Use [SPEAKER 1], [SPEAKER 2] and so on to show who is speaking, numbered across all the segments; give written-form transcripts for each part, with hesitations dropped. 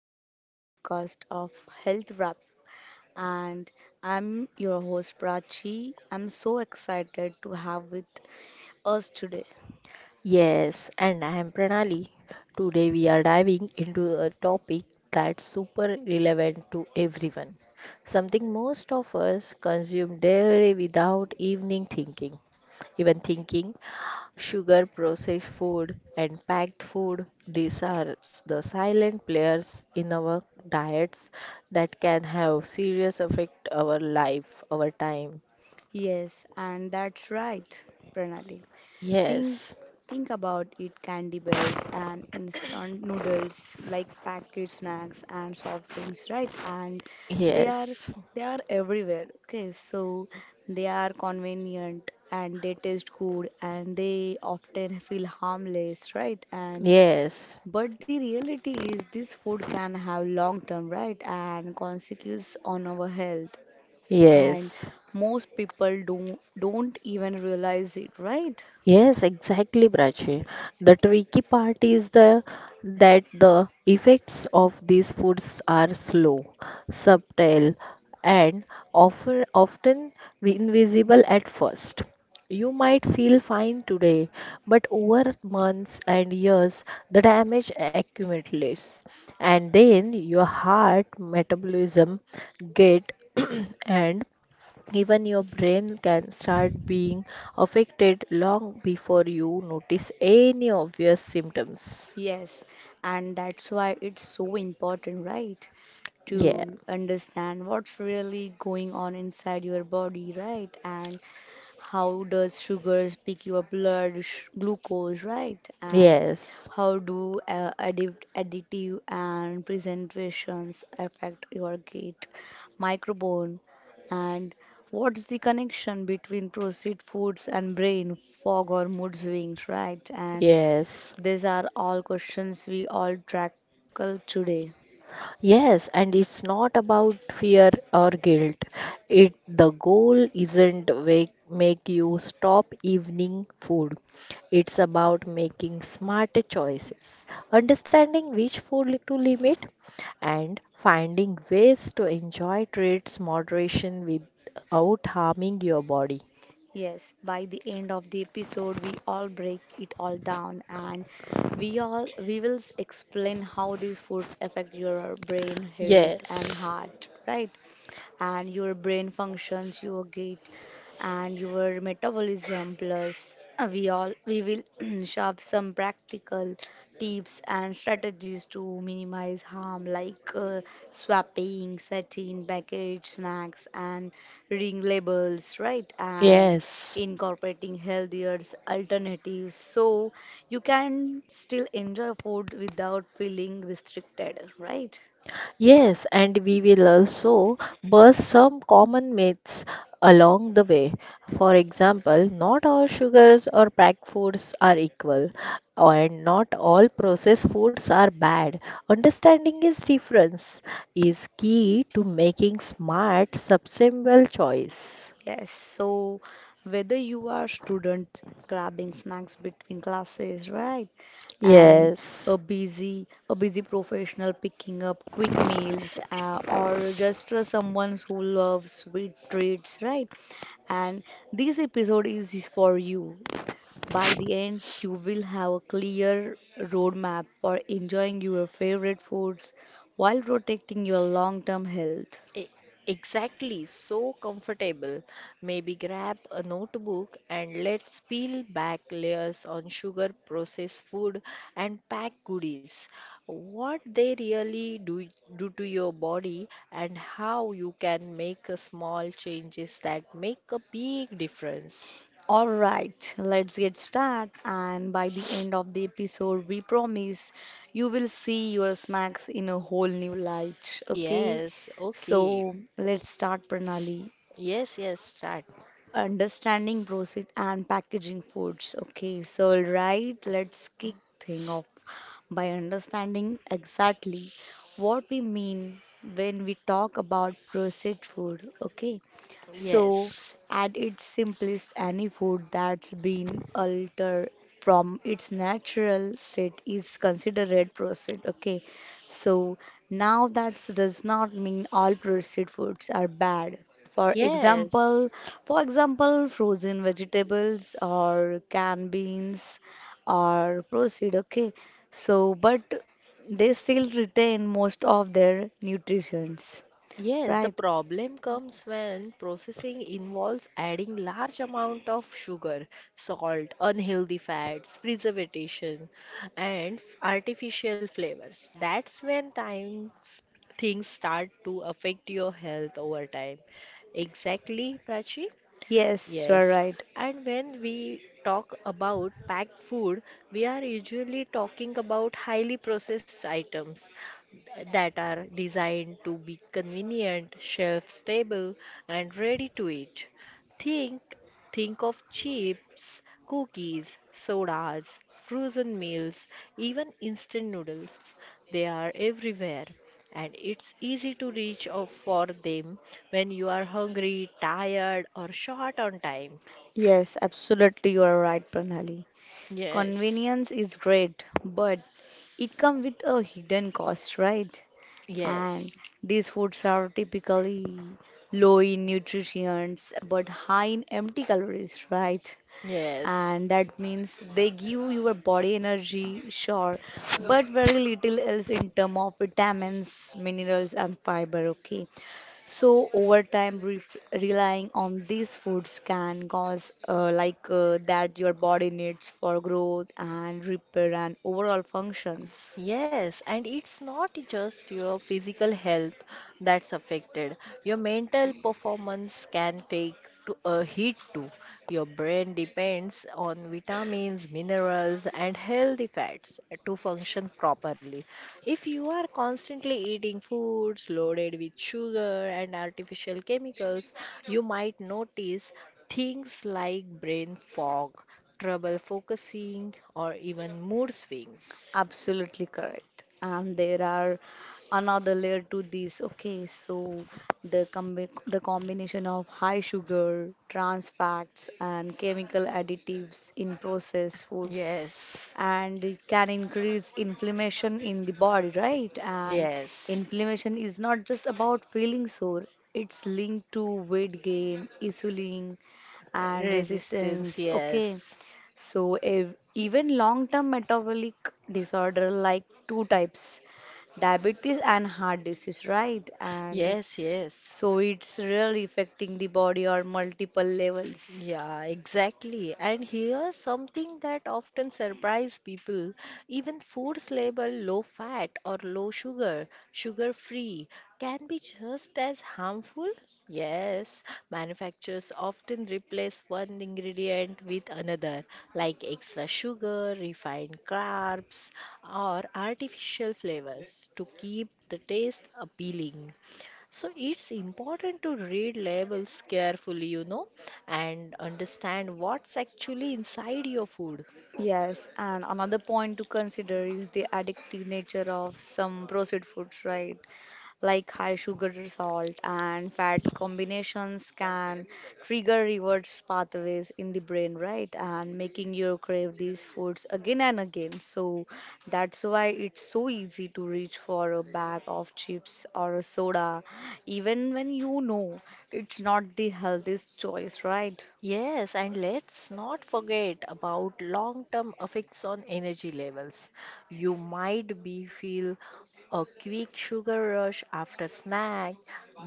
[SPEAKER 1] to another podcast of Health Wrap. And I'm your host, Prachi. I'm so excited to have with us today.
[SPEAKER 2] Yes, and I am Pranali. Today we are diving into a topic that's super relevant to everyone. Something most of us consume daily without evening thinking sugar, processed food, and packed food, these are the silent players in our diets that can have serious effect our life, our time.
[SPEAKER 1] Yes, and that's right, Pranali. Think
[SPEAKER 2] Yes,
[SPEAKER 1] think about it candy bears and instant noodles like packet snacks and soft drinks, right? And they are
[SPEAKER 2] yes,
[SPEAKER 1] they are everywhere. Okay, so they are convenient and they taste good and they often feel harmless, right? And
[SPEAKER 2] yes,
[SPEAKER 1] but the reality is this food can have long term, right? And consequences on our health. And
[SPEAKER 2] yes.
[SPEAKER 1] most people don't even realize it, right?
[SPEAKER 2] Yes, exactly, Prachi. The tricky part is the that the effects of these foods are slow, subtle, and often invisible at first. You might feel fine today, but over months and years, the damage accumulates, and then your heart metabolism get and even your brain can start being affected long before you notice any obvious symptoms.
[SPEAKER 1] Yes, and that's why it's so important, right?
[SPEAKER 2] Yeah,
[SPEAKER 1] To understand what's really going on inside your body, right? And how does sugars pick your blood sh- glucose, right? And
[SPEAKER 2] yes,
[SPEAKER 1] how do additive and presentations affect your gut microbiome? And what's the connection between processed foods and brain fog or mood swings, right? And
[SPEAKER 2] yes.
[SPEAKER 1] these are all questions we all tackle today.
[SPEAKER 2] Yes, and it's not about fear or guilt. It the goal isn't wake, make you stop evening food. It's about making smarter choices, understanding which food to limit, and finding ways to enjoy treats moderation without harming your body.
[SPEAKER 1] Yes, by the end of the episode, we all break it all down and we will explain how these foods affect your brain health and
[SPEAKER 2] Yes.
[SPEAKER 1] heart, right? And your brain functions, your gait, and your metabolism. Plus, we will shop some practical tips and strategies to minimize harm, like swapping, setting, package snacks, and ring labels, right? And
[SPEAKER 2] Yes.
[SPEAKER 1] incorporating healthier alternatives so you can still enjoy food without feeling restricted, right?
[SPEAKER 2] Yes, and we will also bust some common myths along the way. For example, not all sugars or packed foods are equal, and not all processed foods are bad. Understanding is difference is key to making smart, sustainable choice.
[SPEAKER 1] Yes, so whether you are student grabbing snacks between classes, right? And
[SPEAKER 2] Yes.
[SPEAKER 1] a busy professional picking up quick meals or just someone who loves sweet treats, right? And this episode is for you. By the end, you will have a clear roadmap for enjoying your favorite foods while protecting your long term health.
[SPEAKER 2] E- Exactly, so comfortable. Maybe grab a notebook and let's peel back layers on sugar, processed food, and packed goodies. What they really do to your body, and how you can make a small changes that make a big difference.
[SPEAKER 1] Alright, let's get started. And by the end of the episode, we promise you will see your snacks in a whole new light. Okay,
[SPEAKER 2] Yes, okay.
[SPEAKER 1] so let's start, Pranali.
[SPEAKER 2] Yes, yes, start.
[SPEAKER 1] Understanding process and packaging foods. Okay, so right, right, let's kick thing off by understanding exactly what we mean when we talk about processed food. Okay, so
[SPEAKER 2] Yes,
[SPEAKER 1] at its simplest, any food that's been altered from its natural state is considered processed. Okay, so now that does not mean all processed foods are bad for
[SPEAKER 2] yes.
[SPEAKER 1] example, for example, frozen vegetables or canned beans or proceed, okay. So, but they still retain most of their nutrients,
[SPEAKER 2] Yes, the
[SPEAKER 1] right?
[SPEAKER 2] problem comes when processing involves adding large amount of sugar, salt, unhealthy fats, preservation, and artificial flavors. That's when times things start to affect your health over time. Exactly, Prachi.
[SPEAKER 1] Yes, you are
[SPEAKER 2] Yes,
[SPEAKER 1] right.
[SPEAKER 2] and when we talk about packed food, we are usually talking about highly processed items that are designed to be convenient, shelf stable, and ready to eat. Think think of chips, cookies, sodas, frozen meals, even instant noodles. They are everywhere and it's easy to reach out for them when you are hungry, tired, or short on time.
[SPEAKER 1] Yes, absolutely, you are right, Pranali.
[SPEAKER 2] Yes.
[SPEAKER 1] Convenience is great, but it comes with a hidden cost, right?
[SPEAKER 2] Yes,
[SPEAKER 1] And these foods are typically low in nutrients but high in empty calories, right?
[SPEAKER 2] yes.
[SPEAKER 1] And that means they give your body energy, sure, but very little else in term of vitamins, minerals, and fiber. Okay, so over time, re relying on these foods can cause that your body needs for growth and repair and overall functions.
[SPEAKER 2] Yes, and it's not just your physical health that's affected. Your mental performance can take to a hit too. Your brain depends on vitamins, minerals, and healthy fats to function properly. If you are constantly eating foods loaded with sugar and artificial chemicals, you might notice things like brain fog, trouble focusing, or even mood swings.
[SPEAKER 1] Absolutely correct. And there are another layer to this. Okay, so the combination of high sugar, trans fats, and chemical additives in processed foods
[SPEAKER 2] Yes,
[SPEAKER 1] and it can increase inflammation in the body, right? And
[SPEAKER 2] yes.
[SPEAKER 1] inflammation is not just about feeling sore, it's linked to weight gain, insulin, and
[SPEAKER 2] Resistance,
[SPEAKER 1] resistance. Okay,
[SPEAKER 2] yes.
[SPEAKER 1] so even long term metabolic disorder like two types diabetes and heart disease, right? And
[SPEAKER 2] Yes, yes.
[SPEAKER 1] so it's really affecting the body on multiple levels.
[SPEAKER 2] Yeah, exactly. And here's something that often surprise people. Even foods labeled low fat or low sugar, sugar free, can be just as harmful. Yes, manufacturers often replace one ingredient with another, like extra sugar, refined carbs, or artificial flavors to keep the taste appealing. So it's important to read labels carefully, and understand what's actually inside your food.
[SPEAKER 1] Yes, and another point to consider is the addictive nature of some processed foods, right? Like high sugar, salt, and fat combinations can trigger rewards pathways in the brain, right? And making you crave these foods again and again. So that's why it's so easy to reach for a bag of chips or a soda, even when you know it's not the healthiest choice, right?
[SPEAKER 2] Yes, and let's not forget about long-term effects on energy levels. You might be feel a quick sugar rush after snack,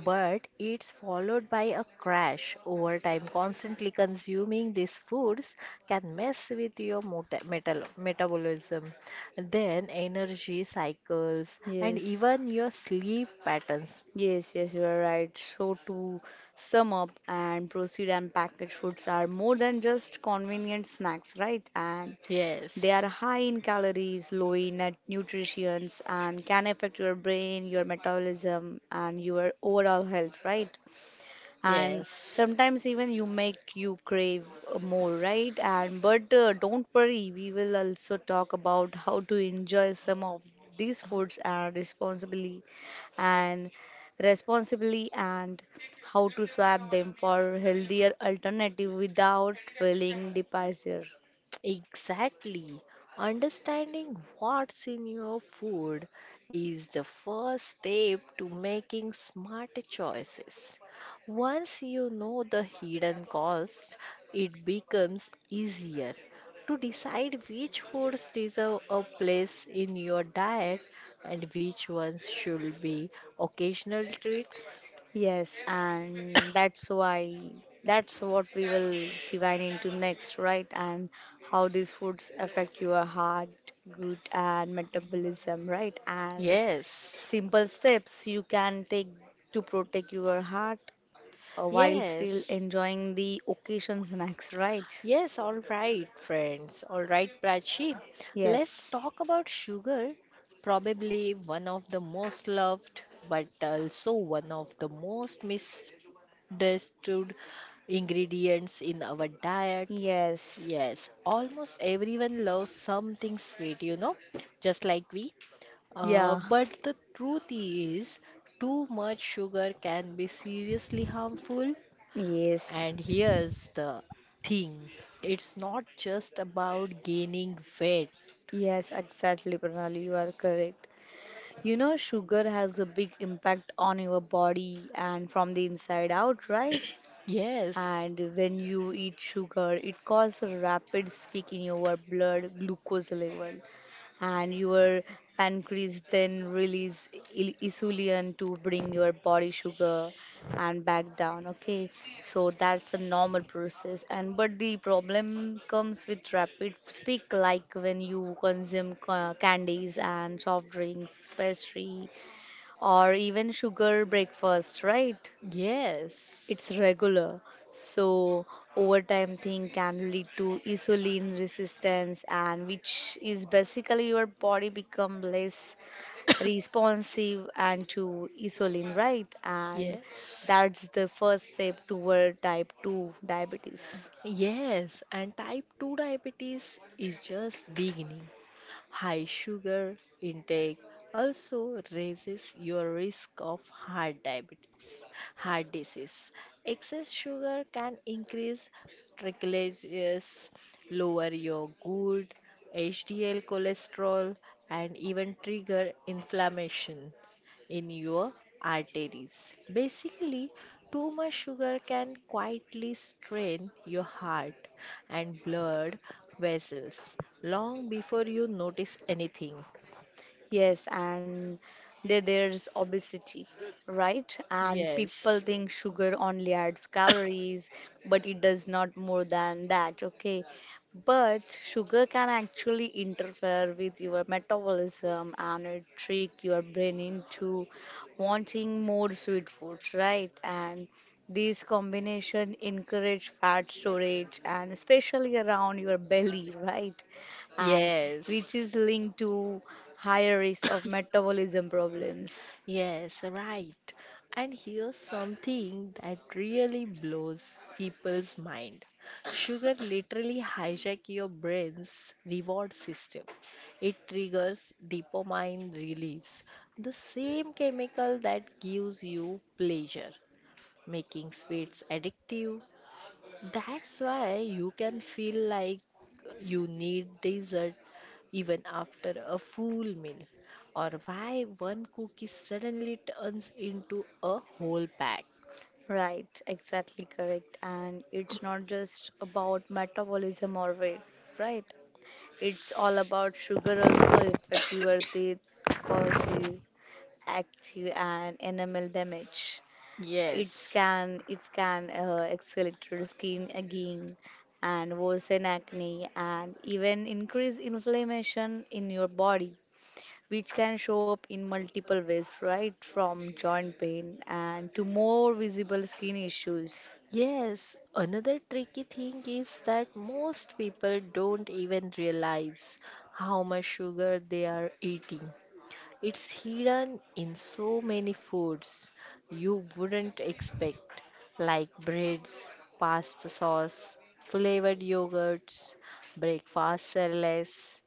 [SPEAKER 2] but it's followed by a crash over time. Constantly consuming these foods can mess with your mota- metal metabolism, then energy cycles, and
[SPEAKER 1] Yes.
[SPEAKER 2] even your sleep patterns.
[SPEAKER 1] Yes, yes, you are right. So, to sum up and proceed and packaged foods are more than just convenient snacks, right? And they are
[SPEAKER 2] Yes.
[SPEAKER 1] high in calories, low in nutrients, and can affect your brain, your metabolism, and your overall health, right? And
[SPEAKER 2] Yes.
[SPEAKER 1] sometimes even you make you crave more, right? And but don't worry, we will also talk about how to enjoy some of these foods and responsibly and responsibly and how to swap them for healthier alternative without feeling depressure.
[SPEAKER 2] Exactly. Understanding what's in your food is the first step to making smart choices. Once you know the hidden cost, it becomes easier to decide which foods deserve a place in your diet and which ones should be occasional treats.
[SPEAKER 1] Yes, and that's what we will divine into next, right? And how these foods affect your heart, gut, and metabolism, right? And
[SPEAKER 2] Yes.
[SPEAKER 1] simple steps you can take to protect your heart while still
[SPEAKER 2] Yes.
[SPEAKER 1] enjoying the occasion snacks, right?
[SPEAKER 2] Yes, all right, friends. All right, Prachi. Let's
[SPEAKER 1] Yes,
[SPEAKER 2] talk about sugar, probably one of the most loved, but also one of the most misunderstood ingredients in our diets.
[SPEAKER 1] yes,
[SPEAKER 2] Yes, almost everyone loves something sweet, you know, just like we.
[SPEAKER 1] yeah,
[SPEAKER 2] But the truth is, too much sugar can be seriously harmful.
[SPEAKER 1] yes,
[SPEAKER 2] And here's the thing it's not just about gaining weight.
[SPEAKER 1] yes, exactly, Pranali, you are correct. You know, sugar has a big impact on your body and from the inside out, right?
[SPEAKER 2] Yes,
[SPEAKER 1] And when you eat sugar, it causes a rapid spike in your blood glucose level, and your pancreas then release il- insulin to bring your body sugar and back down. Okay, so that's a normal process. And but the problem comes with rapid spike, like when you consume ca- candies and soft drinks, pastry, or even sugar breakfast, right?
[SPEAKER 2] yes,
[SPEAKER 1] It's regular, so overtime thing can lead to insulin resistance, and which is basically your body become less responsive and to insulin, right? And
[SPEAKER 2] yes.
[SPEAKER 1] that's the first step toward type 2 diabetes.
[SPEAKER 2] Yes, and type 2 diabetes is just beginning. High sugar intake also raises your risk of heart diabetes, heart disease. Excess sugar can increase triglycerides, lower your good HDL cholesterol, and even trigger inflammation in your arteries. Basically, too much sugar can quietly strain your heart and blood vessels long before you notice anything.
[SPEAKER 1] Yes, and there's obesity, right? And people
[SPEAKER 2] Yes.
[SPEAKER 1] think sugar only adds calories, but it does not more than that, okay? But sugar can actually interfere with your metabolism and it trick your brain into wanting more sweet foods, right? And these combination encourage fat storage and especially around your belly, right? And which
[SPEAKER 2] Yes.
[SPEAKER 1] is linked to higher risk of metabolism problems.
[SPEAKER 2] Yes, right. And here's something that really blows people's mind. Sugar literally hijack your brain's reward system. It triggers dopamine release, the same chemical that gives you pleasure, making sweets addictive. That's why you can feel like you need dessert even after a full meal, or why one cookie suddenly turns into a whole pack.
[SPEAKER 1] Right, exactly correct. And it's not just about metabolism or weight, right? It's all about sugar also affect your teeth, causes active and enamel damage. It
[SPEAKER 2] Yes.
[SPEAKER 1] can it can uh, accelerate skin aging and worsen acne and even increase inflammation in your body, which can show up in multiple ways, right? From joint pain and to more visible skin issues.
[SPEAKER 2] Yes, another tricky thing is that most people don't even realize how much sugar they are eating. It's hidden in so many foods you wouldn't expect, like breads, pasta sauce, flavored yogurts, breakfast cereals,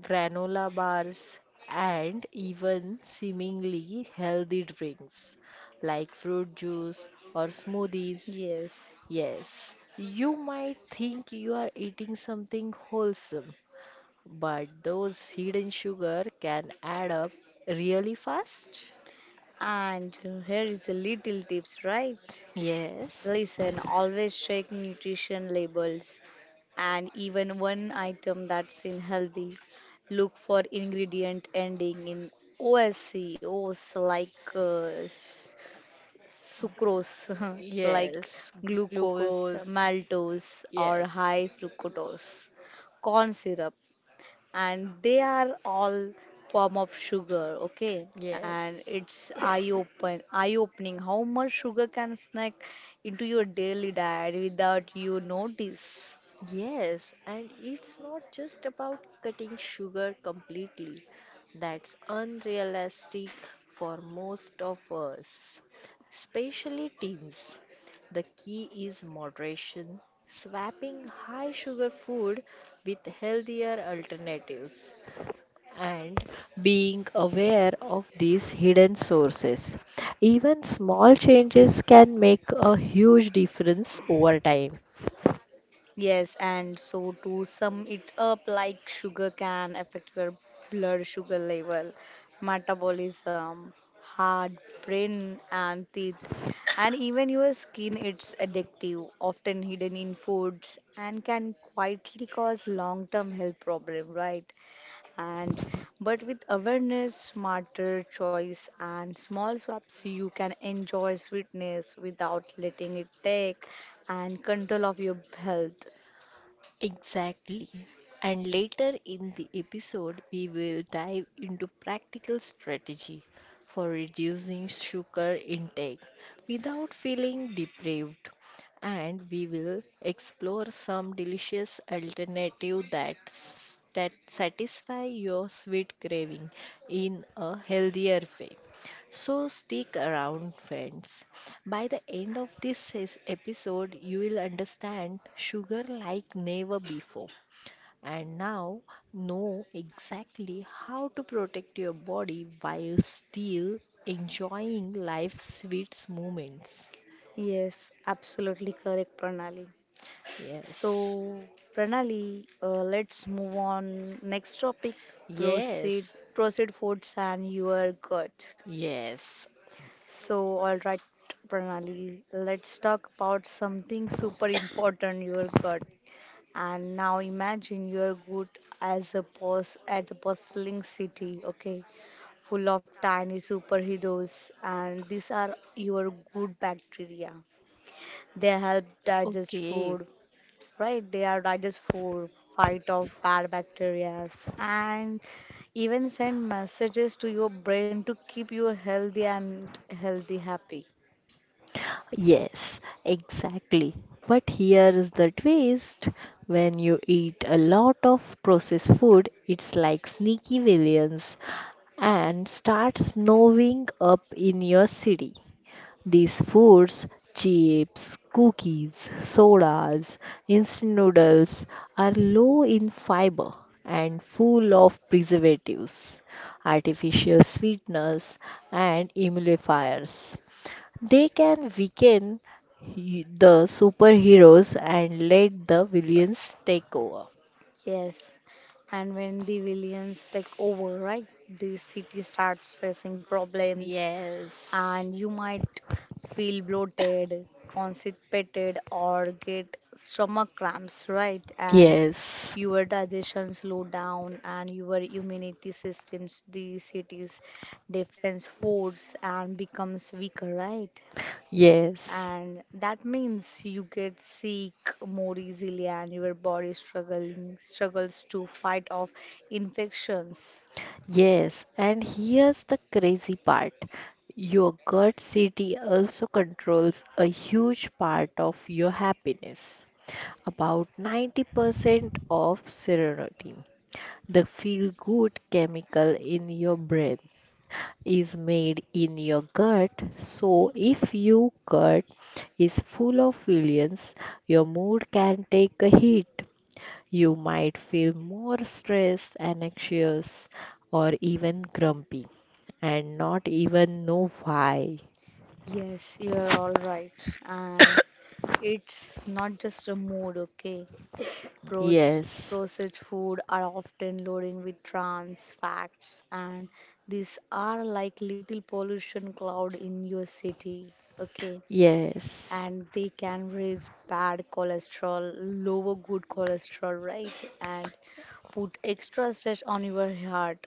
[SPEAKER 2] granola bars, and even seemingly healthy drinks like fruit juice or smoothies.
[SPEAKER 1] Yes.
[SPEAKER 2] Yes, you might think you are eating something wholesome, but those hidden sugar can add up really fast.
[SPEAKER 1] And here is a little tips, right?
[SPEAKER 2] Yes.
[SPEAKER 1] Listen, always check nutrition labels and even one item that's in healthy. Look for ingredient ending in OSC, O's like sucrose, like
[SPEAKER 2] Yes,
[SPEAKER 1] glucose,
[SPEAKER 2] glucose.
[SPEAKER 1] maltose, or
[SPEAKER 2] Yes.
[SPEAKER 1] high fructose corn syrup and they are all form of sugar okay and
[SPEAKER 2] Yes.
[SPEAKER 1] it's eye opening how much sugar can snack into your daily diet without you notice.
[SPEAKER 2] Yes, and it's not just about cutting sugar completely. That's unrealistic for most of us, especially teens. The key is moderation, swapping high sugar food with healthier alternatives, and being aware of these hidden sources. Even small changes can make a huge difference over time.
[SPEAKER 1] Yes, and so to sum it up, like sugar can affect your blood sugar level, metabolism, heart, brain, and teeth, and even your skin. It's addictive, often hidden in foods, and can quietly cause long-term health problem, right? And but with awareness, smarter choice, and small swaps, you can enjoy sweetness without letting it take and control of your health.
[SPEAKER 2] Exactly. And later in the episode, we will dive into practical strategy for reducing sugar intake without feeling deprived. And we will explore some delicious alternative that satisfy your sweet craving in a healthier way. So stick around, friends. By the end of this episode, you will understand sugar like never before and now know exactly how to protect your body while still enjoying life's sweet moments.
[SPEAKER 1] Yes, absolutely correct, Pranali.
[SPEAKER 2] Yes,
[SPEAKER 1] So, Pranali, let's move on. Next topic, proceed,
[SPEAKER 2] yes,
[SPEAKER 1] proceed foods and your gut.
[SPEAKER 2] yes.
[SPEAKER 1] So, all right, Pranali, let's talk about something super important, your gut. And now imagine your gut as a boss at a bustling city, okay? Full of tiny superheroes and these are your good bacteria they help digest
[SPEAKER 2] Okay,
[SPEAKER 1] food, right? They are digest food, fight off bad bacteria, and even send messages to your brain to keep you healthy and healthy happy.
[SPEAKER 2] yes, exactly. But here is the twist. When you eat a lot of processed food, it's like sneaky villains and starts snowing up in your city. These foods, chips, cookies, sodas, instant noodles, are low in fiber and full of preservatives, artificial sweeteners, and emulsifiers. They can weaken the superheroes and let the villains take over.
[SPEAKER 1] Yes. And when the villains take over, right, the city starts facing problems
[SPEAKER 2] Yes.
[SPEAKER 1] and you might feel bloated, constipated, or get stomach cramps, right? And
[SPEAKER 2] Yes.
[SPEAKER 1] your digestion slow down and your immunity systems the city's defense force and becomes weaker right
[SPEAKER 2] Yes.
[SPEAKER 1] and that means you get sick more easily and your body struggling struggles to fight off infections.
[SPEAKER 2] Yes, and here's the crazy part. Your gut city also controls a huge part of your happiness. About 90% of serotonin, the feel good chemical in your brain, is made in your gut. So, if your gut is full of feelings, your mood can take a hit. You might feel more stressed and anxious or even grumpy and not even know why.
[SPEAKER 1] Yes you are all right and it's not just a mood, okay? Proce-
[SPEAKER 2] Yes,
[SPEAKER 1] processed food are often loading with trans facts, and these are like little pollution cloud in your city, okay?
[SPEAKER 2] yes,
[SPEAKER 1] And they can raise bad cholesterol, lower good cholesterol, right? And put extra stress on your heart.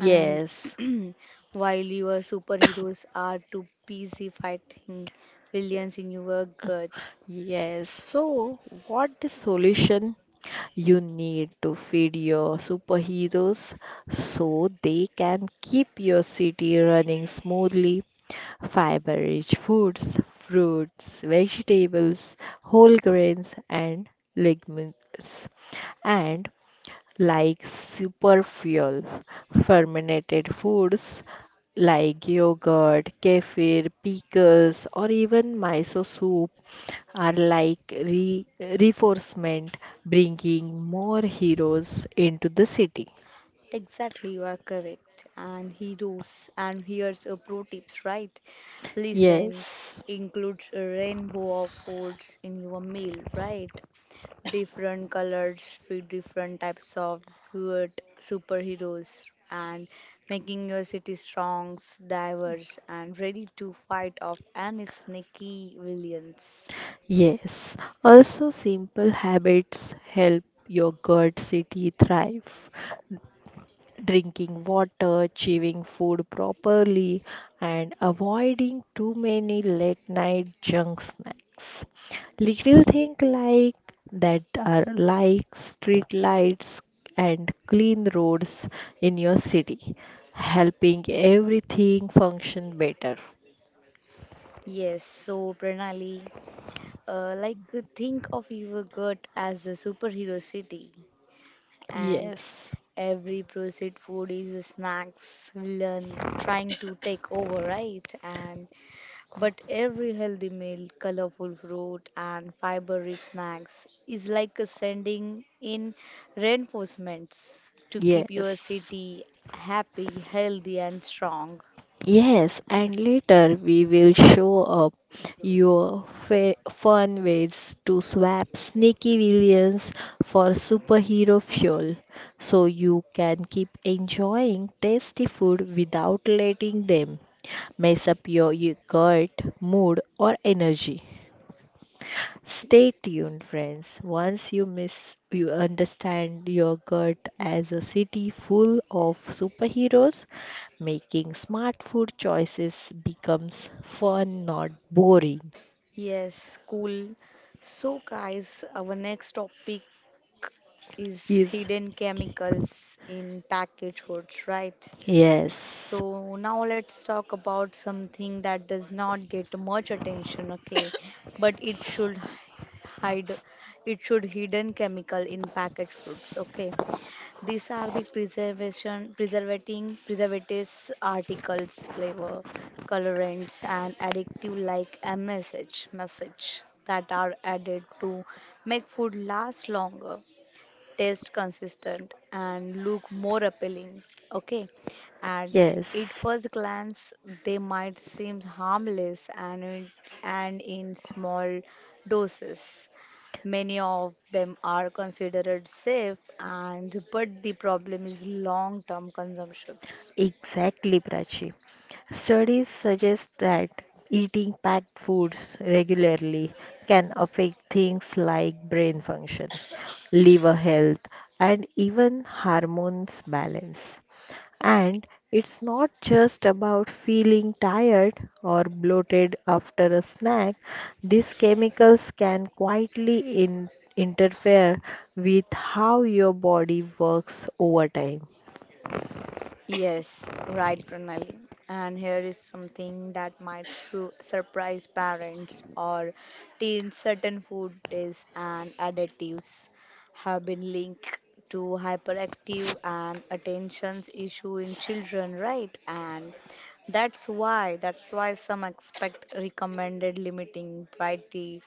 [SPEAKER 1] And while your superheroes are too busy fighting villains in your gut.
[SPEAKER 2] Yes, so what the solution you need to feed your superheroes so they can keep your city running smoothly? Fiber rich foods, fruits, vegetables, whole grains, and legumes. And like superfuel. Fermented foods like yogurt, kefir, pickles, or even miso soup are like reinforcement, bringing more heroes into the city.
[SPEAKER 1] Exactly, you are correct. And heroes, and here's a pro tips, right? Listen,
[SPEAKER 2] Yes.
[SPEAKER 1] include a rainbow of foods in your meal, right? Different colors with different types of good superheroes and making your city strong, diverse, and ready to fight off any sneaky villains.
[SPEAKER 2] Yes, also simple habits help your gut city thrive. Drinking water, chewing food properly, and avoiding too many late night junk snacks. Little things like that are like street lights and clean roads in your city, helping everything function better.
[SPEAKER 1] Yes, so Pranali, uh, like think of your gut as a superhero city, and
[SPEAKER 2] Yes,
[SPEAKER 1] every processed food is a snacks villain trying to take over, right? And but every healthy meal, colorful fruit, and fiber rich snacks is like a sending in reinforcements to keep your
[SPEAKER 2] yes.
[SPEAKER 1] city happy, healthy, and strong.
[SPEAKER 2] Yes, and later we will show up your fun ways to swap sneaky villains for superhero fuel so you can keep enjoying tasty food without letting them mess up your gut, mood, or energy. Stay tuned, friends. Once you miss, you understand your gut as a city full of superheroes. Making smart food choices becomes fun, not boring.
[SPEAKER 1] Yes, cool. So, guys, our next topic is
[SPEAKER 2] Yes.
[SPEAKER 1] hidden chemicals in packaged foods, right?
[SPEAKER 2] Yes,
[SPEAKER 1] So now let's talk about something that does not get much attention, okay? But it should hide hidden chemical in packaged foods, okay? These are the preservation preservating preservatives, articles flavor, colorants and addictive like msh message that are added to make food last longer, taste consistent, and look more appealing, okay? And at
[SPEAKER 2] yes.
[SPEAKER 1] first glance they might seem harmless and in small doses many of them are considered safe and but the problem is long-term consumptions.
[SPEAKER 2] Exactly, Prachi. Studies suggest that eating packed foods regularly can affect things like brain function, liver health, and even hormones balance. And it's not just about feeling tired or bloated after a snack. These chemicals can quietly interfere with how your body works over time.
[SPEAKER 1] Yes, right, Pranali. And here is something that might su surprise parents or teens. Certain food tastes and additives have been linked to hyperactive and attention issue in children, right? And that's why some expect recommended limiting brighty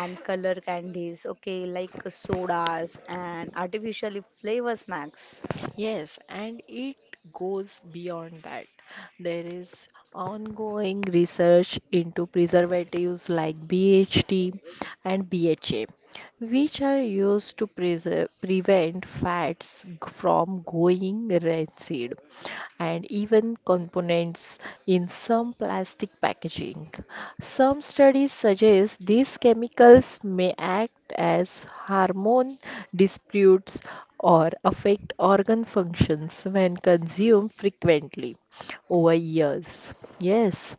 [SPEAKER 1] and color candies, okay, like sodas and artificially flavor snacks.
[SPEAKER 2] Yes, and it goes beyond that. There is ongoing research into preservatives like BHT and BHA, which are used to preserve, prevent from going rancid, and even components in some plastic packaging. Some studies suggest these chemicals may act as hormone disputes or affect organ functions when consumed frequently over years. Yes,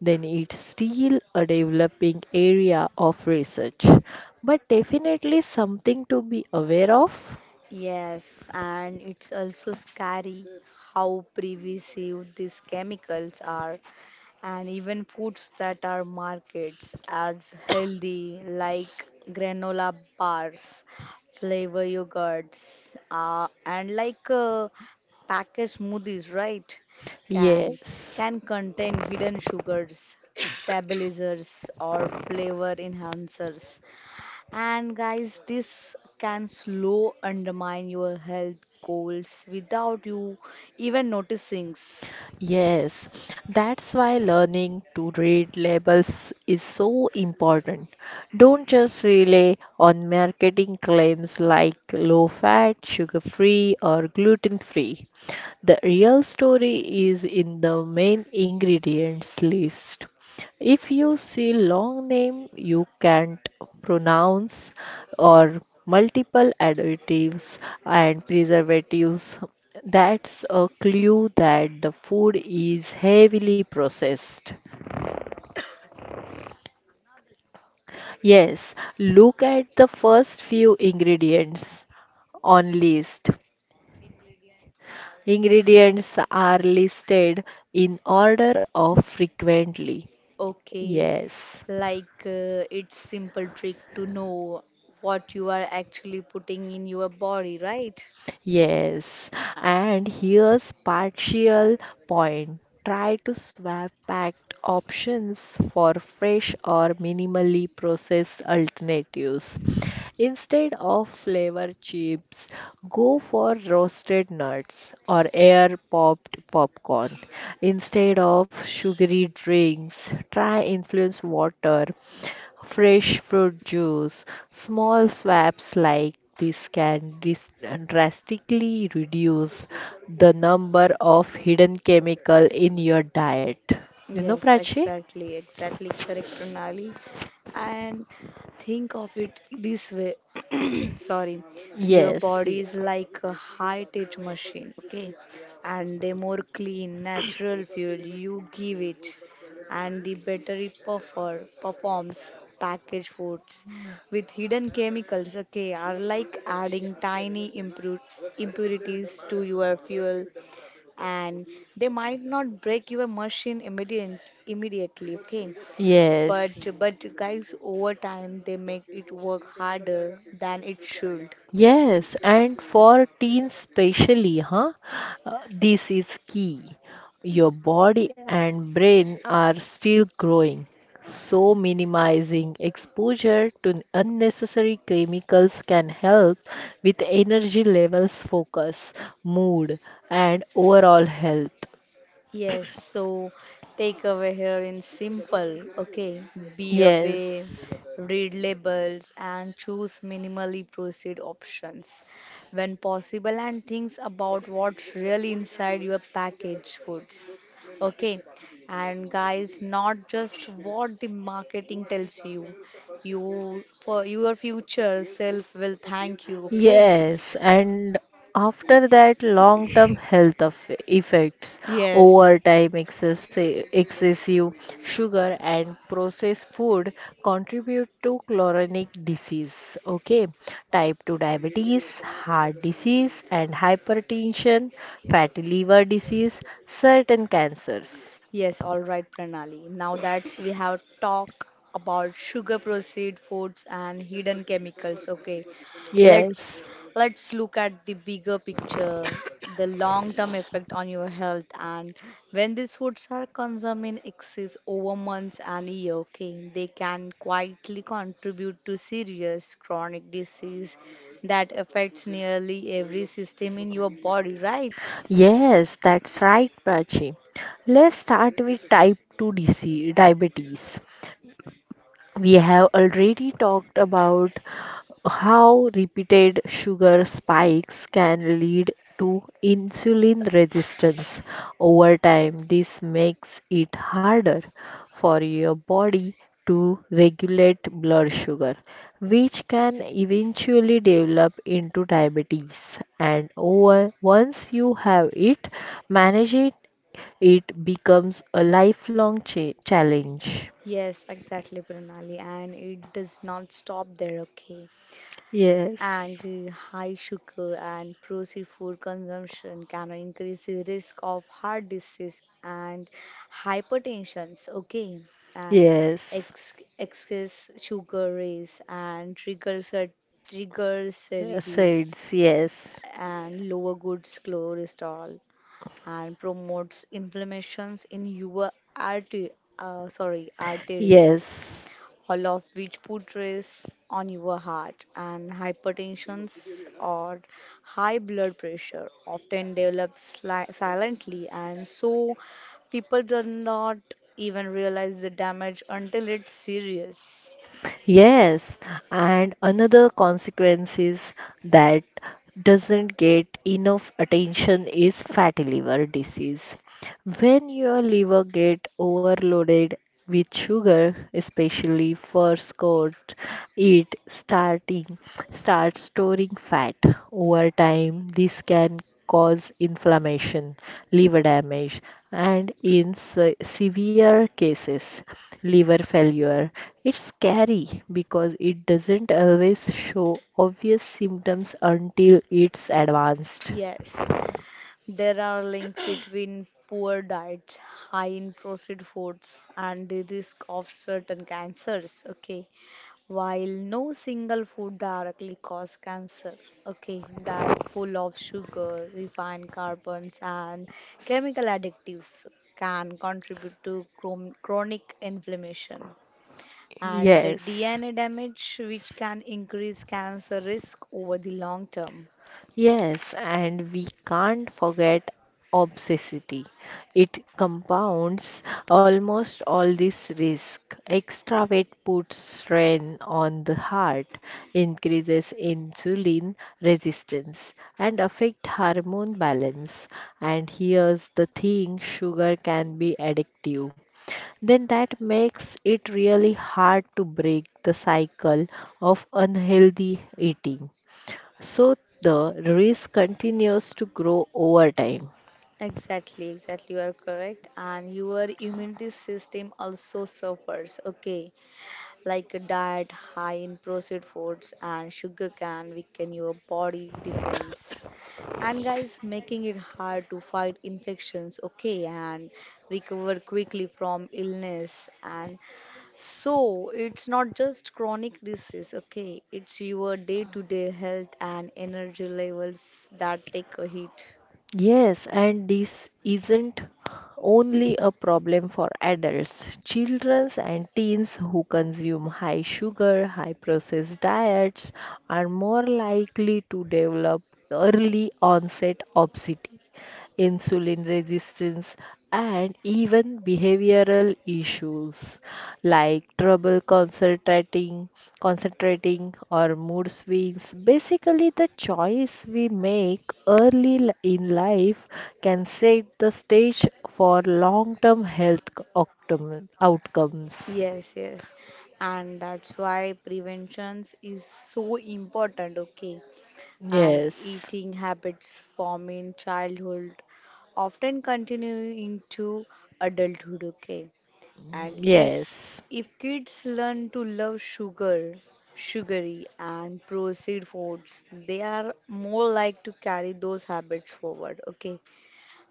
[SPEAKER 2] then it's still a developing area of research, but definitely something to be aware of.
[SPEAKER 1] Yes, and it's also scary how pervasive these chemicals are, and even foods that are marketed as healthy, like granola bars, flavor yogurts, and like packaged smoothies, right? Can
[SPEAKER 2] Yes.
[SPEAKER 1] can contain hidden sugars, stabilizers, or flavor enhancers. And guys, this can slow undermine your health goals without you even noticing.
[SPEAKER 2] Yes, that's why learning to read labels is so important. Don't just rely on marketing claims like low fat, sugar free, or gluten free. The real story is in the main ingredients list. If you see long name you can't pronounce or multiple additives and preservatives that's a clue that the food is heavily processed. Yes, look at the first few ingredients on list. Ingredients are listed in order of frequently.
[SPEAKER 1] Okay,
[SPEAKER 2] Yes.
[SPEAKER 1] like it's simple trick to know what you are actually putting in your body, right?
[SPEAKER 2] Yes, and here's partial point. Try to swap packed options for fresh or minimally processed alternatives. Instead of flavor chips, go for roasted nuts or air popped popcorn. Instead of sugary drinks, try influence water fresh fruit juice, small swaps like this can drastically reduce the number of hidden chemical in your diet. You know,
[SPEAKER 1] Yes,
[SPEAKER 2] Prachi?
[SPEAKER 1] exactly, exactly correct, Pranali. And think of it this way. Sorry, your
[SPEAKER 2] Yes,
[SPEAKER 1] body
[SPEAKER 2] y-
[SPEAKER 1] is like a high-tech machine, okay? And the more clean, natural fuel you give it, and the better it performs. Packaged foods with hidden chemicals, okay, are like adding tiny impurities to your fuel, and they might not break your machine immediately, okay, but
[SPEAKER 2] yes.
[SPEAKER 1] guys, over time they make it work harder than it should.
[SPEAKER 2] Yes, and for teens especially, huh? This is key. Your body and brain are still growing, so minimizing exposure to unnecessary chemicals can help with energy levels, focus, mood, and overall health.
[SPEAKER 1] Yes, so take away here in simple, okay? Be aware,
[SPEAKER 2] Yes.
[SPEAKER 1] read labels, and choose minimally processed options when possible, and things about what's really inside your packaged foods, okay? And guys, not just what the marketing tells you, you for your future self will thank you, okay?
[SPEAKER 2] Yes, and after that, long term health of effects,
[SPEAKER 1] Yes.
[SPEAKER 2] overtime, excessive sugar, and processed food contribute to chronic disease. Okay, type 2 diabetes, heart disease, and hypertension, fatty liver disease, certain cancers.
[SPEAKER 1] Yes, all right, Pranali. Now that we have talked about sugar processed foods and hidden chemicals, okay, let's
[SPEAKER 2] Yes.
[SPEAKER 1] let's look at the bigger picture, the long-term effect on your health, and when these foods are consumed in excess over months and year, okay, they can quietly contribute to serious chronic disease that affects nearly every system in your body, right?
[SPEAKER 2] Yes, that's right, Prachi. Let's start with type 2 disease, diabetes. We have already talked about how repeated sugar spikes can lead to insulin resistance over time. This makes it harder for your body to regulate blood sugar, which can eventually develop into diabetes. And over once you have it, manage it, it becomes a lifelong challenge.
[SPEAKER 1] Yes, exactly, Pranali. And it does not stop there, okay?
[SPEAKER 2] Yes.
[SPEAKER 1] And high sugar and processed food consumption can increase the risk of heart disease and hypertension, okay? And
[SPEAKER 2] Yes,
[SPEAKER 1] ex excess sugar raise and triggers triglycerides
[SPEAKER 2] sides. Yes,
[SPEAKER 1] and lower good cholesterol and promotes inflammations in your artery, sorry, arteries,
[SPEAKER 2] yes,
[SPEAKER 1] all of which put stress on your heart and hypertension or high blood pressure often develops silently, and so people do not even realize the damage until it's serious.
[SPEAKER 2] yes. And another consequence is that doesn't get enough attention is fatty liver disease. When your liver get overloaded with sugar, especially first-coat, it starting starts storing fat. Over time, this can cause inflammation, liver damage, and in severe cases, liver failure. It's scary because it doesn't always show obvious symptoms until it's advanced.
[SPEAKER 1] Yes. There are links between poor diets, high in processed foods, and the risk of certain cancers. Okay, while no single food directly causes cancer, okay, diet full of sugar, refined carbons, and chemical additives can contribute to chronic inflammation and the
[SPEAKER 2] Yes.
[SPEAKER 1] DNA damage, which can increase cancer risk over the long term.
[SPEAKER 2] Yes, and we can't forget obsessity. It compounds almost all this risk. Extra weight puts strain on the heart, increases insulin resistance, and affect hormone balance. And here's the thing, sugar can be addictive then that makes it really hard to break the cycle of unhealthy eating. So the risk continues to grow over time.
[SPEAKER 1] Exactly, exactly. You are correct. And your immunity system also suffers. Okay. Like a diet high in processed foods and sugar can weaken your body defense. And guys, making it hard to fight infections, okay, and recover quickly from illness. And so it's not just chronic disease, okay, it's your day-to-day health and energy levels that take a hit.
[SPEAKER 2] Yes, and this isn't only a problem for adults. Children and teens who consume high sugar, high processed diets are more likely to develop early onset obesity, insulin resistance, and even behavioral issues, like concentrating or mood swings. Basically, the choice we make early in life can set the stage for long-term health outcomes.
[SPEAKER 1] Yes, yes. And that's why prevention is so important, okay? And
[SPEAKER 2] Yes.
[SPEAKER 1] eating habits formed in childhood often continue into adulthood, okay? And if
[SPEAKER 2] Yes.
[SPEAKER 1] if kids learn to love sugar, sugary and processed foods, they are more like to carry those habits forward, okay?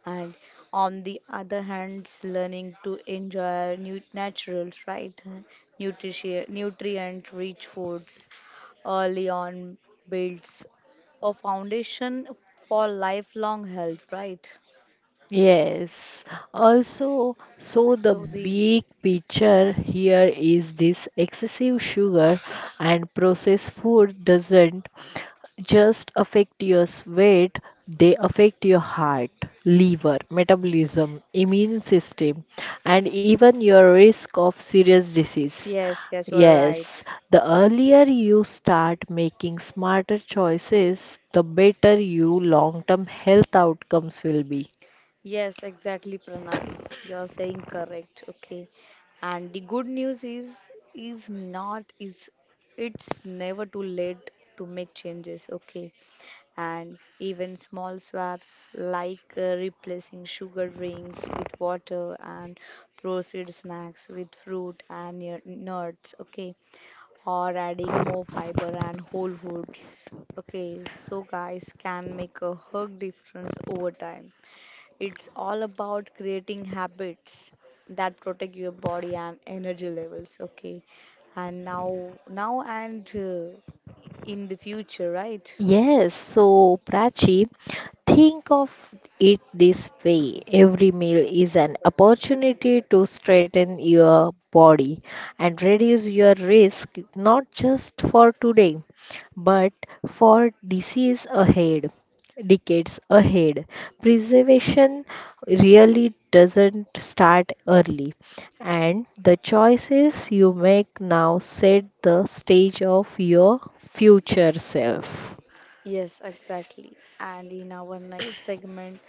[SPEAKER 1] And on the other hand, learning to enjoy new natural, right? Nutrition, nutrient rich foods early on builds a foundation for lifelong health, right?
[SPEAKER 2] Yes. Also, so the
[SPEAKER 1] So the
[SPEAKER 2] big picture here is this excessive sugar and processed food doesn't just affect your weight, they affect your heart, liver, metabolism, immune system, and even your risk of serious disease.
[SPEAKER 1] yes, yes, you are
[SPEAKER 2] Yes,
[SPEAKER 1] right.
[SPEAKER 2] the earlier you start making smarter choices, the better your long-term health outcomes will be.
[SPEAKER 1] Yes, exactly, Pranali. You're saying correct. Okay. And the good news is not is it's never too late to make changes. Okay, and even small swaps like replacing sugar drinks with water and processed snacks with fruit and nuts, okay, or adding more fiber and whole foods, okay, so guys can make a hug difference over time. It's all about creating habits that protect your body and energy levels, okay, and now and in the future, right?
[SPEAKER 2] Yes, so Prachi, think of it this way. Every meal is an opportunity to straighten your body and reduce your risk, not just for today, but for disease ahead, decades ahead. Preservation really doesn't start early, and the choices you make now set the stage of your future self.
[SPEAKER 1] Yes, exactly. And in our next segment,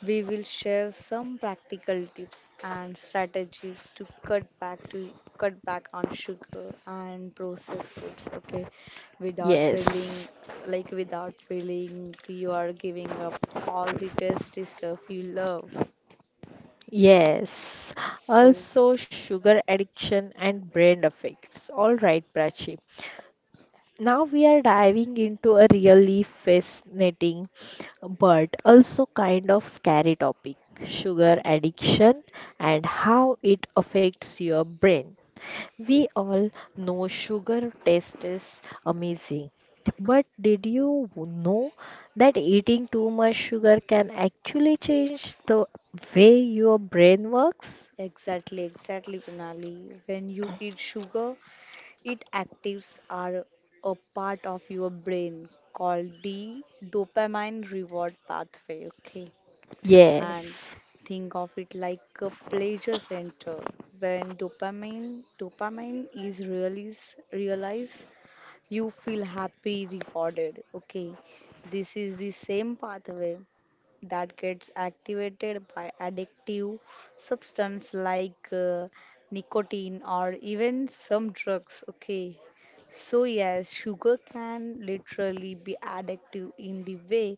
[SPEAKER 1] we will share some practical tips and strategies to cut back on sugar and processed foods, okay? Without feeling
[SPEAKER 2] Yes,
[SPEAKER 1] Like without feeling you are giving up all the tasty stuff you love.
[SPEAKER 2] yes.
[SPEAKER 1] So,
[SPEAKER 2] Also, sugar addiction and brain effects. All right, Prachi. Now we are diving into a really fascinating but also kind of scary topic, sugar addiction and how it affects your brain. We all know sugar taste is amazing, but did you know that eating too much sugar can actually change the way your brain works?
[SPEAKER 1] exactly, exactly, Pranali. When you eat sugar, it actives are a part of your brain called the dopamine reward pathway. Okay, and
[SPEAKER 2] Yes.
[SPEAKER 1] think of it like a pleasure center. When dopamine is realized, you feel happy, rewarded. Okay, this is the same pathway that gets activated by addictive substance like nicotine or even some drugs. Okay, so yes, sugar can literally be addictive in the way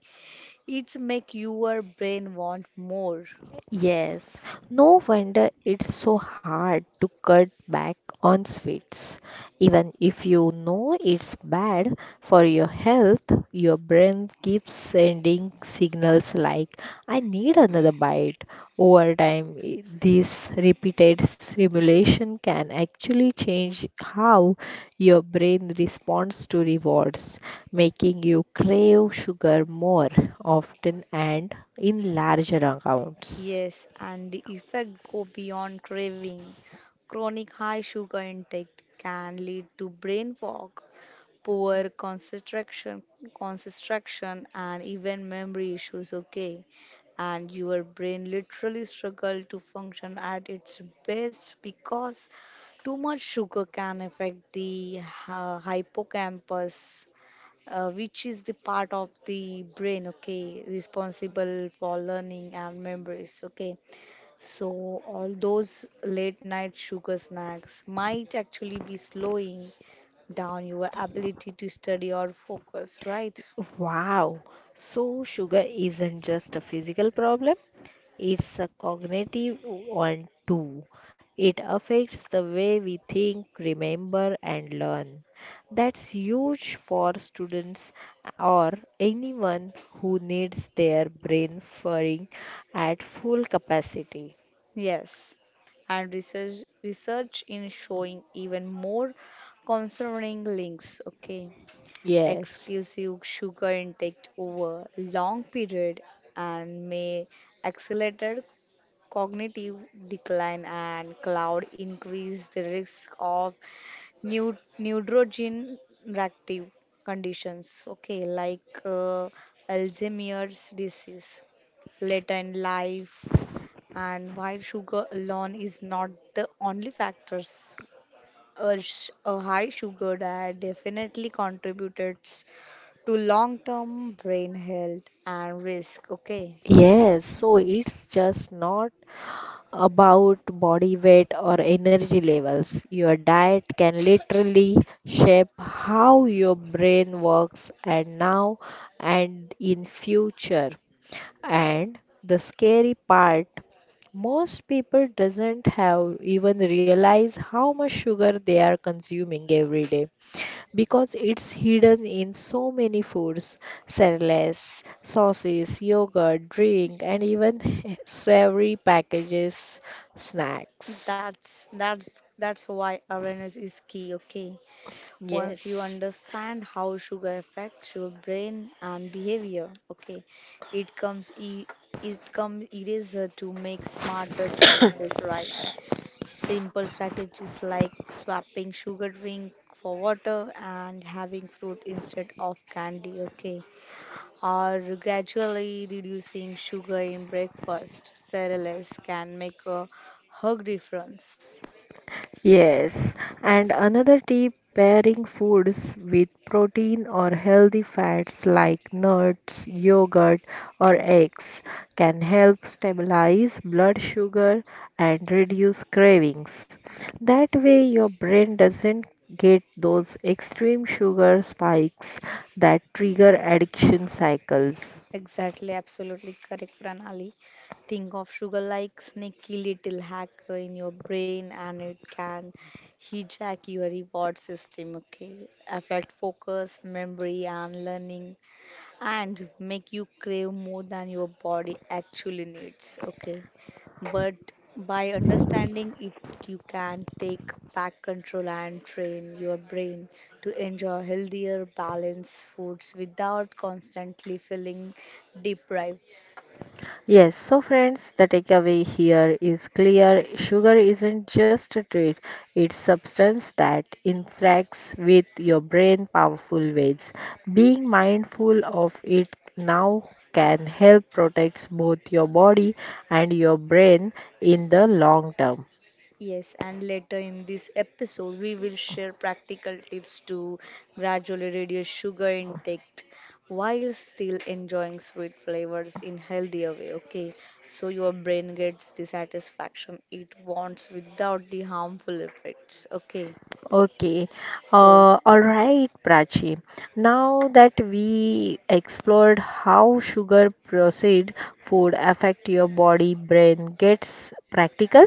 [SPEAKER 1] it make your brain want more.
[SPEAKER 2] Yes, no wonder it's so hard to cut back on sweets. Even if you know it's bad for your health, your brain keeps sending signals like, I need another bite. Over time, this repeated stimulation can actually change how your brain responds to rewards making you crave sugar more often and in larger amounts.
[SPEAKER 1] Yes, and the effect go beyond craving. Chronic high sugar intake can lead to brain fog, poor concentration and even memory issues, okay? And your brain literally struggle to function at its best because too much sugar can affect the hippocampus, which is the part of the brain, okay, responsible for learning and memories, okay. So, all those late night sugar snacks might actually be slowing down your ability to study or focus, right?
[SPEAKER 2] Wow, so sugar isn't just a physical problem, it's a cognitive one too. It affects the way we think, remember, and learn. That's huge for students or anyone who needs their brain firing at full capacity.
[SPEAKER 1] Yes. And research research in showing even more concerning links, okay.
[SPEAKER 2] Yes.
[SPEAKER 1] Excessive sugar intake over long period and may accelerate cognitive decline and cloud increase the risk of neurodegenerative conditions, okay, like Alzheimer's disease later in life. And while sugar alone is not the only factors, a high sugar diet definitely contributes to long-term brain health and risk. Okay,
[SPEAKER 2] Yes, so it's just not about body weight or energy levels. Your diet can literally shape how your brain works and now and in future. And the scary part, most people doesn't have even realize how much sugar they are consuming every day because it's hidden in so many foods, cereals, sauces, yogurt, drink, and even savory packages, snacks.
[SPEAKER 1] that's why awareness is key, okay? Once you
[SPEAKER 2] Yes.
[SPEAKER 1] understand how sugar affects your brain and behavior, okay, it comes e it comes easier to make smarter choices, right? Simple strategies like swapping sugar drink for water and having fruit instead of candy, okay? Or gradually reducing sugar in breakfast, cereals can make a hug difference.
[SPEAKER 2] Yes, and another tip pairing foods with protein or healthy fats like nuts, yogurt, or eggs can help stabilize blood sugar and reduce cravings. That way, your brain doesn't get those extreme sugar spikes that trigger addiction cycles.
[SPEAKER 1] Exactly, absolutely correct, Pranali. Think of sugar like sneaky little hacker in your brain, and it can hijack your reward system, okay? Affect focus, memory, and learning and make you crave more than your body actually needs. Okay, but by understanding it, you can take back control and train your brain to enjoy healthier, balanced foods without constantly feeling deprived.
[SPEAKER 2] Yes, so friends, the takeaway here is clear. Sugar isn't just a treat, it's substance that interacts with your brain powerful ways. Being mindful of it now can help protect both your body and your brain in the long term.
[SPEAKER 1] Yes, and later in this episode, we will share practical tips to gradually reduce sugar intake while still enjoying sweet flavors in healthier way. Okay, so your brain gets the satisfaction it wants without the harmful effects. Okay,
[SPEAKER 2] Okay.
[SPEAKER 1] so.
[SPEAKER 2] All right, Prachi. Now that we explored how sugar processed food affect your body, brain, gets practical.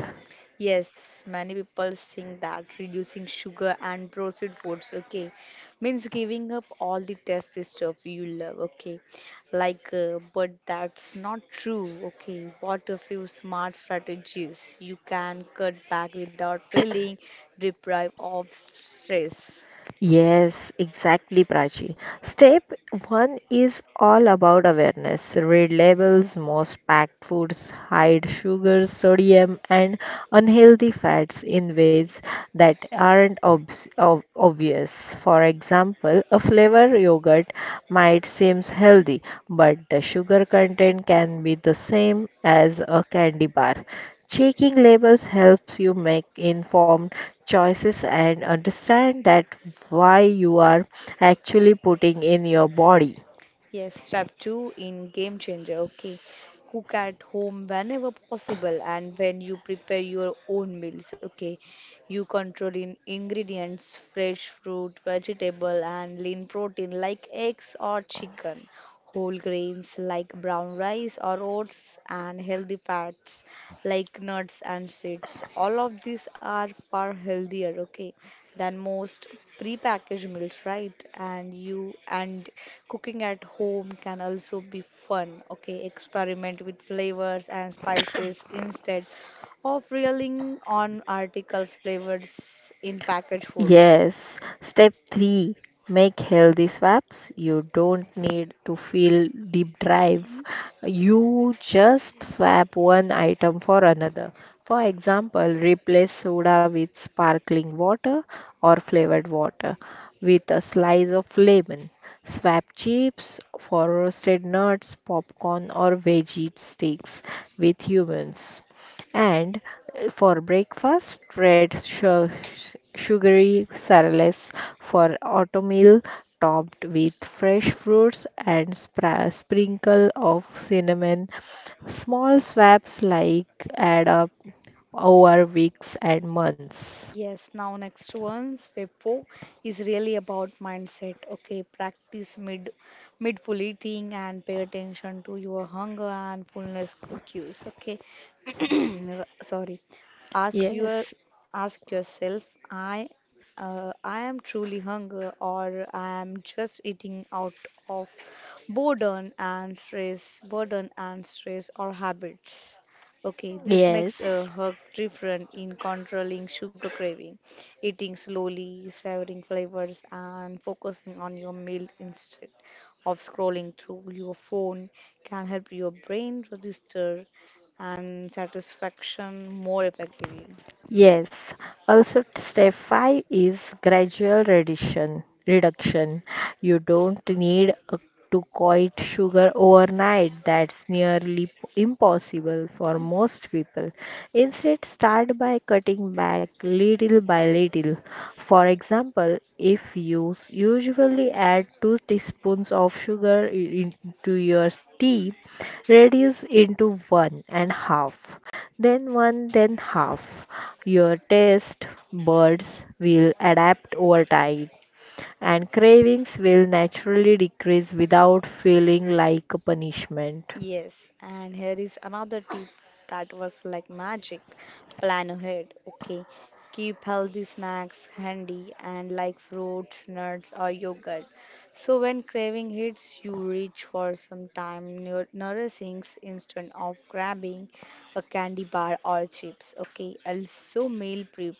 [SPEAKER 1] Yes, many people think that reducing sugar and processed foods, okay, means giving up all the tasty stuff you love, okay. Like, but that's not true, okay. What a few smart strategies you can cut back without feeling deprived of stress.
[SPEAKER 2] Yes, exactly, Prachi. Step one is all about awareness. Read labels, most packed foods hide sugar, sodium, and unhealthy fats in ways that aren't obvious. For example, a flavor yogurt might seem healthy, but the sugar content can be the same as a candy bar. Checking labels helps you make informed choices and understand that why you are actually putting in your body.
[SPEAKER 1] Yes, step two in game changer. Okay. Cook at home whenever possible and when you prepare your own meals. Okay. You control in ingredients, fresh fruit, vegetable and lean protein like eggs or chicken, whole grains like brown rice or oats and healthy fats like nuts and seeds. All of these are far healthier, okay, than most prepackaged meals, right? And cooking at home can also be fun, okay? Experiment with flavors and spices instead of relying on article flavors in packaged foods.
[SPEAKER 2] Yes. Step 3, make healthy swaps. You don't need to feel deep drive. You just swap one item for another. For example, replace soda with sparkling water or flavored water with a slice of lemon. Swap chips for roasted nuts, popcorn, or veggie sticks with humans. And for breakfast, red sugary cereals for oatmeal topped with fresh fruits and sprinkle of cinnamon. Small swaps like add up over weeks and months.
[SPEAKER 1] Yes, now next one, step four is really about mindset. Okay, practice mid mindful eating and pay attention to your hunger and fullness cues. Okay, sorry. Ask your
[SPEAKER 2] Yes,
[SPEAKER 1] Ask yourself, I I am truly hunger or I am just eating out of burden and stress or habits. Okay, this makes a
[SPEAKER 2] yes.
[SPEAKER 1] herb different in controlling sugar craving, eating slowly, savoring flavors, and focusing on your meal instead of scrolling through your phone can help your brain register and satisfaction more effectively.
[SPEAKER 2] Yes. Also, step five is gradual reduction. Reduction. You don't need a, To quit sugar overnight. That's nearly impossible for most people. Instead, start by cutting back little by little meal. For example, if you usually add 2 teaspoons of sugar into your tea, reduce into one and half, then one, then half. Your taste buds will adapt over time, and cravings will naturally decrease without feeling like a punishment.
[SPEAKER 1] Yes, and here is another tip that works like magic. Plan ahead, okay? Keep healthy snacks handy and like fruits, nuts, or yogurt. So when craving hits, you reach for some time nourishing instead of grabbing a candy bar or chips, okay? Also, meal prep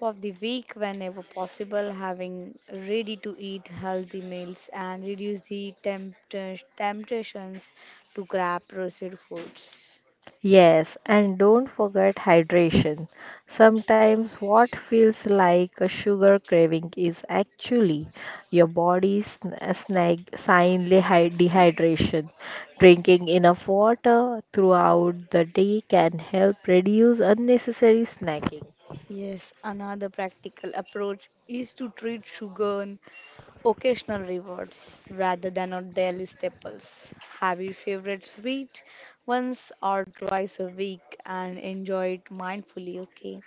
[SPEAKER 1] of the week whenever possible, having ready to eat healthy meals and reduce the temptations to grab processed foods.
[SPEAKER 2] Yes, and don't forget hydration. Sometimes what feels like a sugar craving is actually your body's sn- snag signly dehydration. Drinking enough water throughout the day can help reduce unnecessary snacking.
[SPEAKER 1] Yes, another practical approach is to treat sugar and occasional rewards rather than on daily staples. Have your favorite sweet once or twice a week and enjoy it mindfully, okay?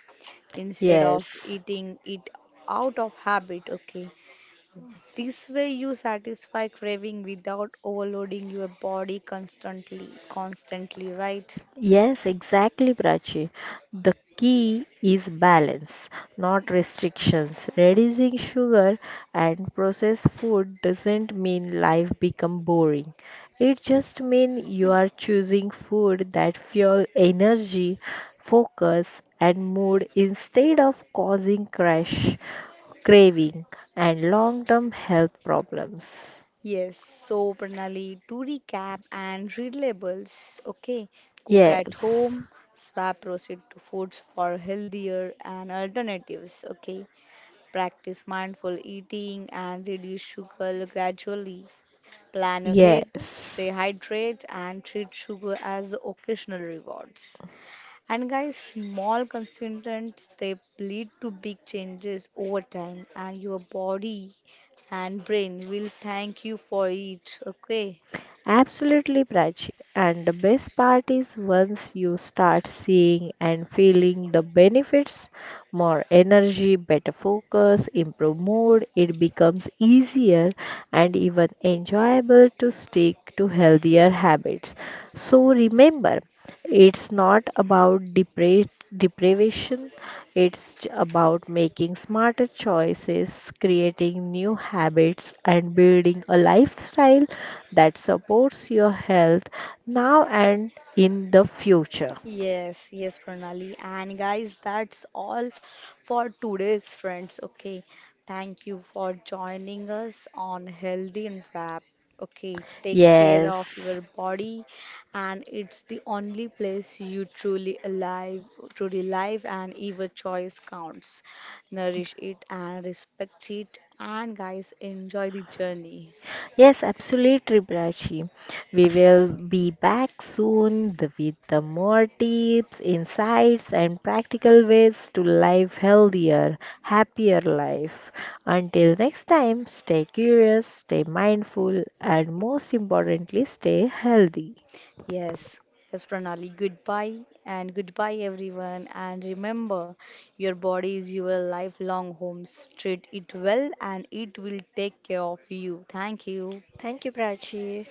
[SPEAKER 1] Instead of
[SPEAKER 2] Yes.
[SPEAKER 1] eating it out of habit, okay? This way you satisfy craving without overloading your body constantly, right?
[SPEAKER 2] Yes, exactly, Prachi. The key is balance, not restrictions. Reducing sugar and processed food doesn't mean life become boring. It just means you are choosing food that fuel energy, focus, and mood instead of causing crash, craving, and long-term health problems.
[SPEAKER 1] Yes, so Pranali, to recap and re-labels. Okay, cook at
[SPEAKER 2] Yes,
[SPEAKER 1] home, swap proceed to foods for healthier and alternatives, okay, practice mindful eating and reduce sugar gradually, plan ahead,
[SPEAKER 2] yes.
[SPEAKER 1] stay hydrated, and treat sugar as occasional rewards. And guys, small consistent step lead to big changes over time, and your body and brain will thank you for it. Okay.
[SPEAKER 2] Absolutely, Prachi. And the best part is once you start seeing and feeling the benefits, more energy, better focus, improved mood, it becomes easier and even enjoyable to stick to healthier habits. So remember, it's not about deprivation, it's about making smarter choices, creating new habits, and building a lifestyle that supports your health now and in the future.
[SPEAKER 1] Yes, yes, Pranali. And guys, that's all for today's friends. Okay. Thank you for joining us on Healthy and Wrap. Okay. Take care of
[SPEAKER 2] Yes.
[SPEAKER 1] your body, and it's the only place you truly alive, truly live, and your choice counts. Nourish it and respect it. And guys, enjoy the journey.
[SPEAKER 2] Yes, absolutely, Prachi. We will be back soon with the more tips, insights, and practical ways to live healthier, happier life. Until next time, stay curious, stay mindful, and most importantly, stay healthy.
[SPEAKER 1] Yes, yes, Pranali. Goodbye and goodbye, everyone. And remember, your body is your lifelong home. Treat it well, and it will take care of you. Thank you.
[SPEAKER 2] Thank you, Prachi.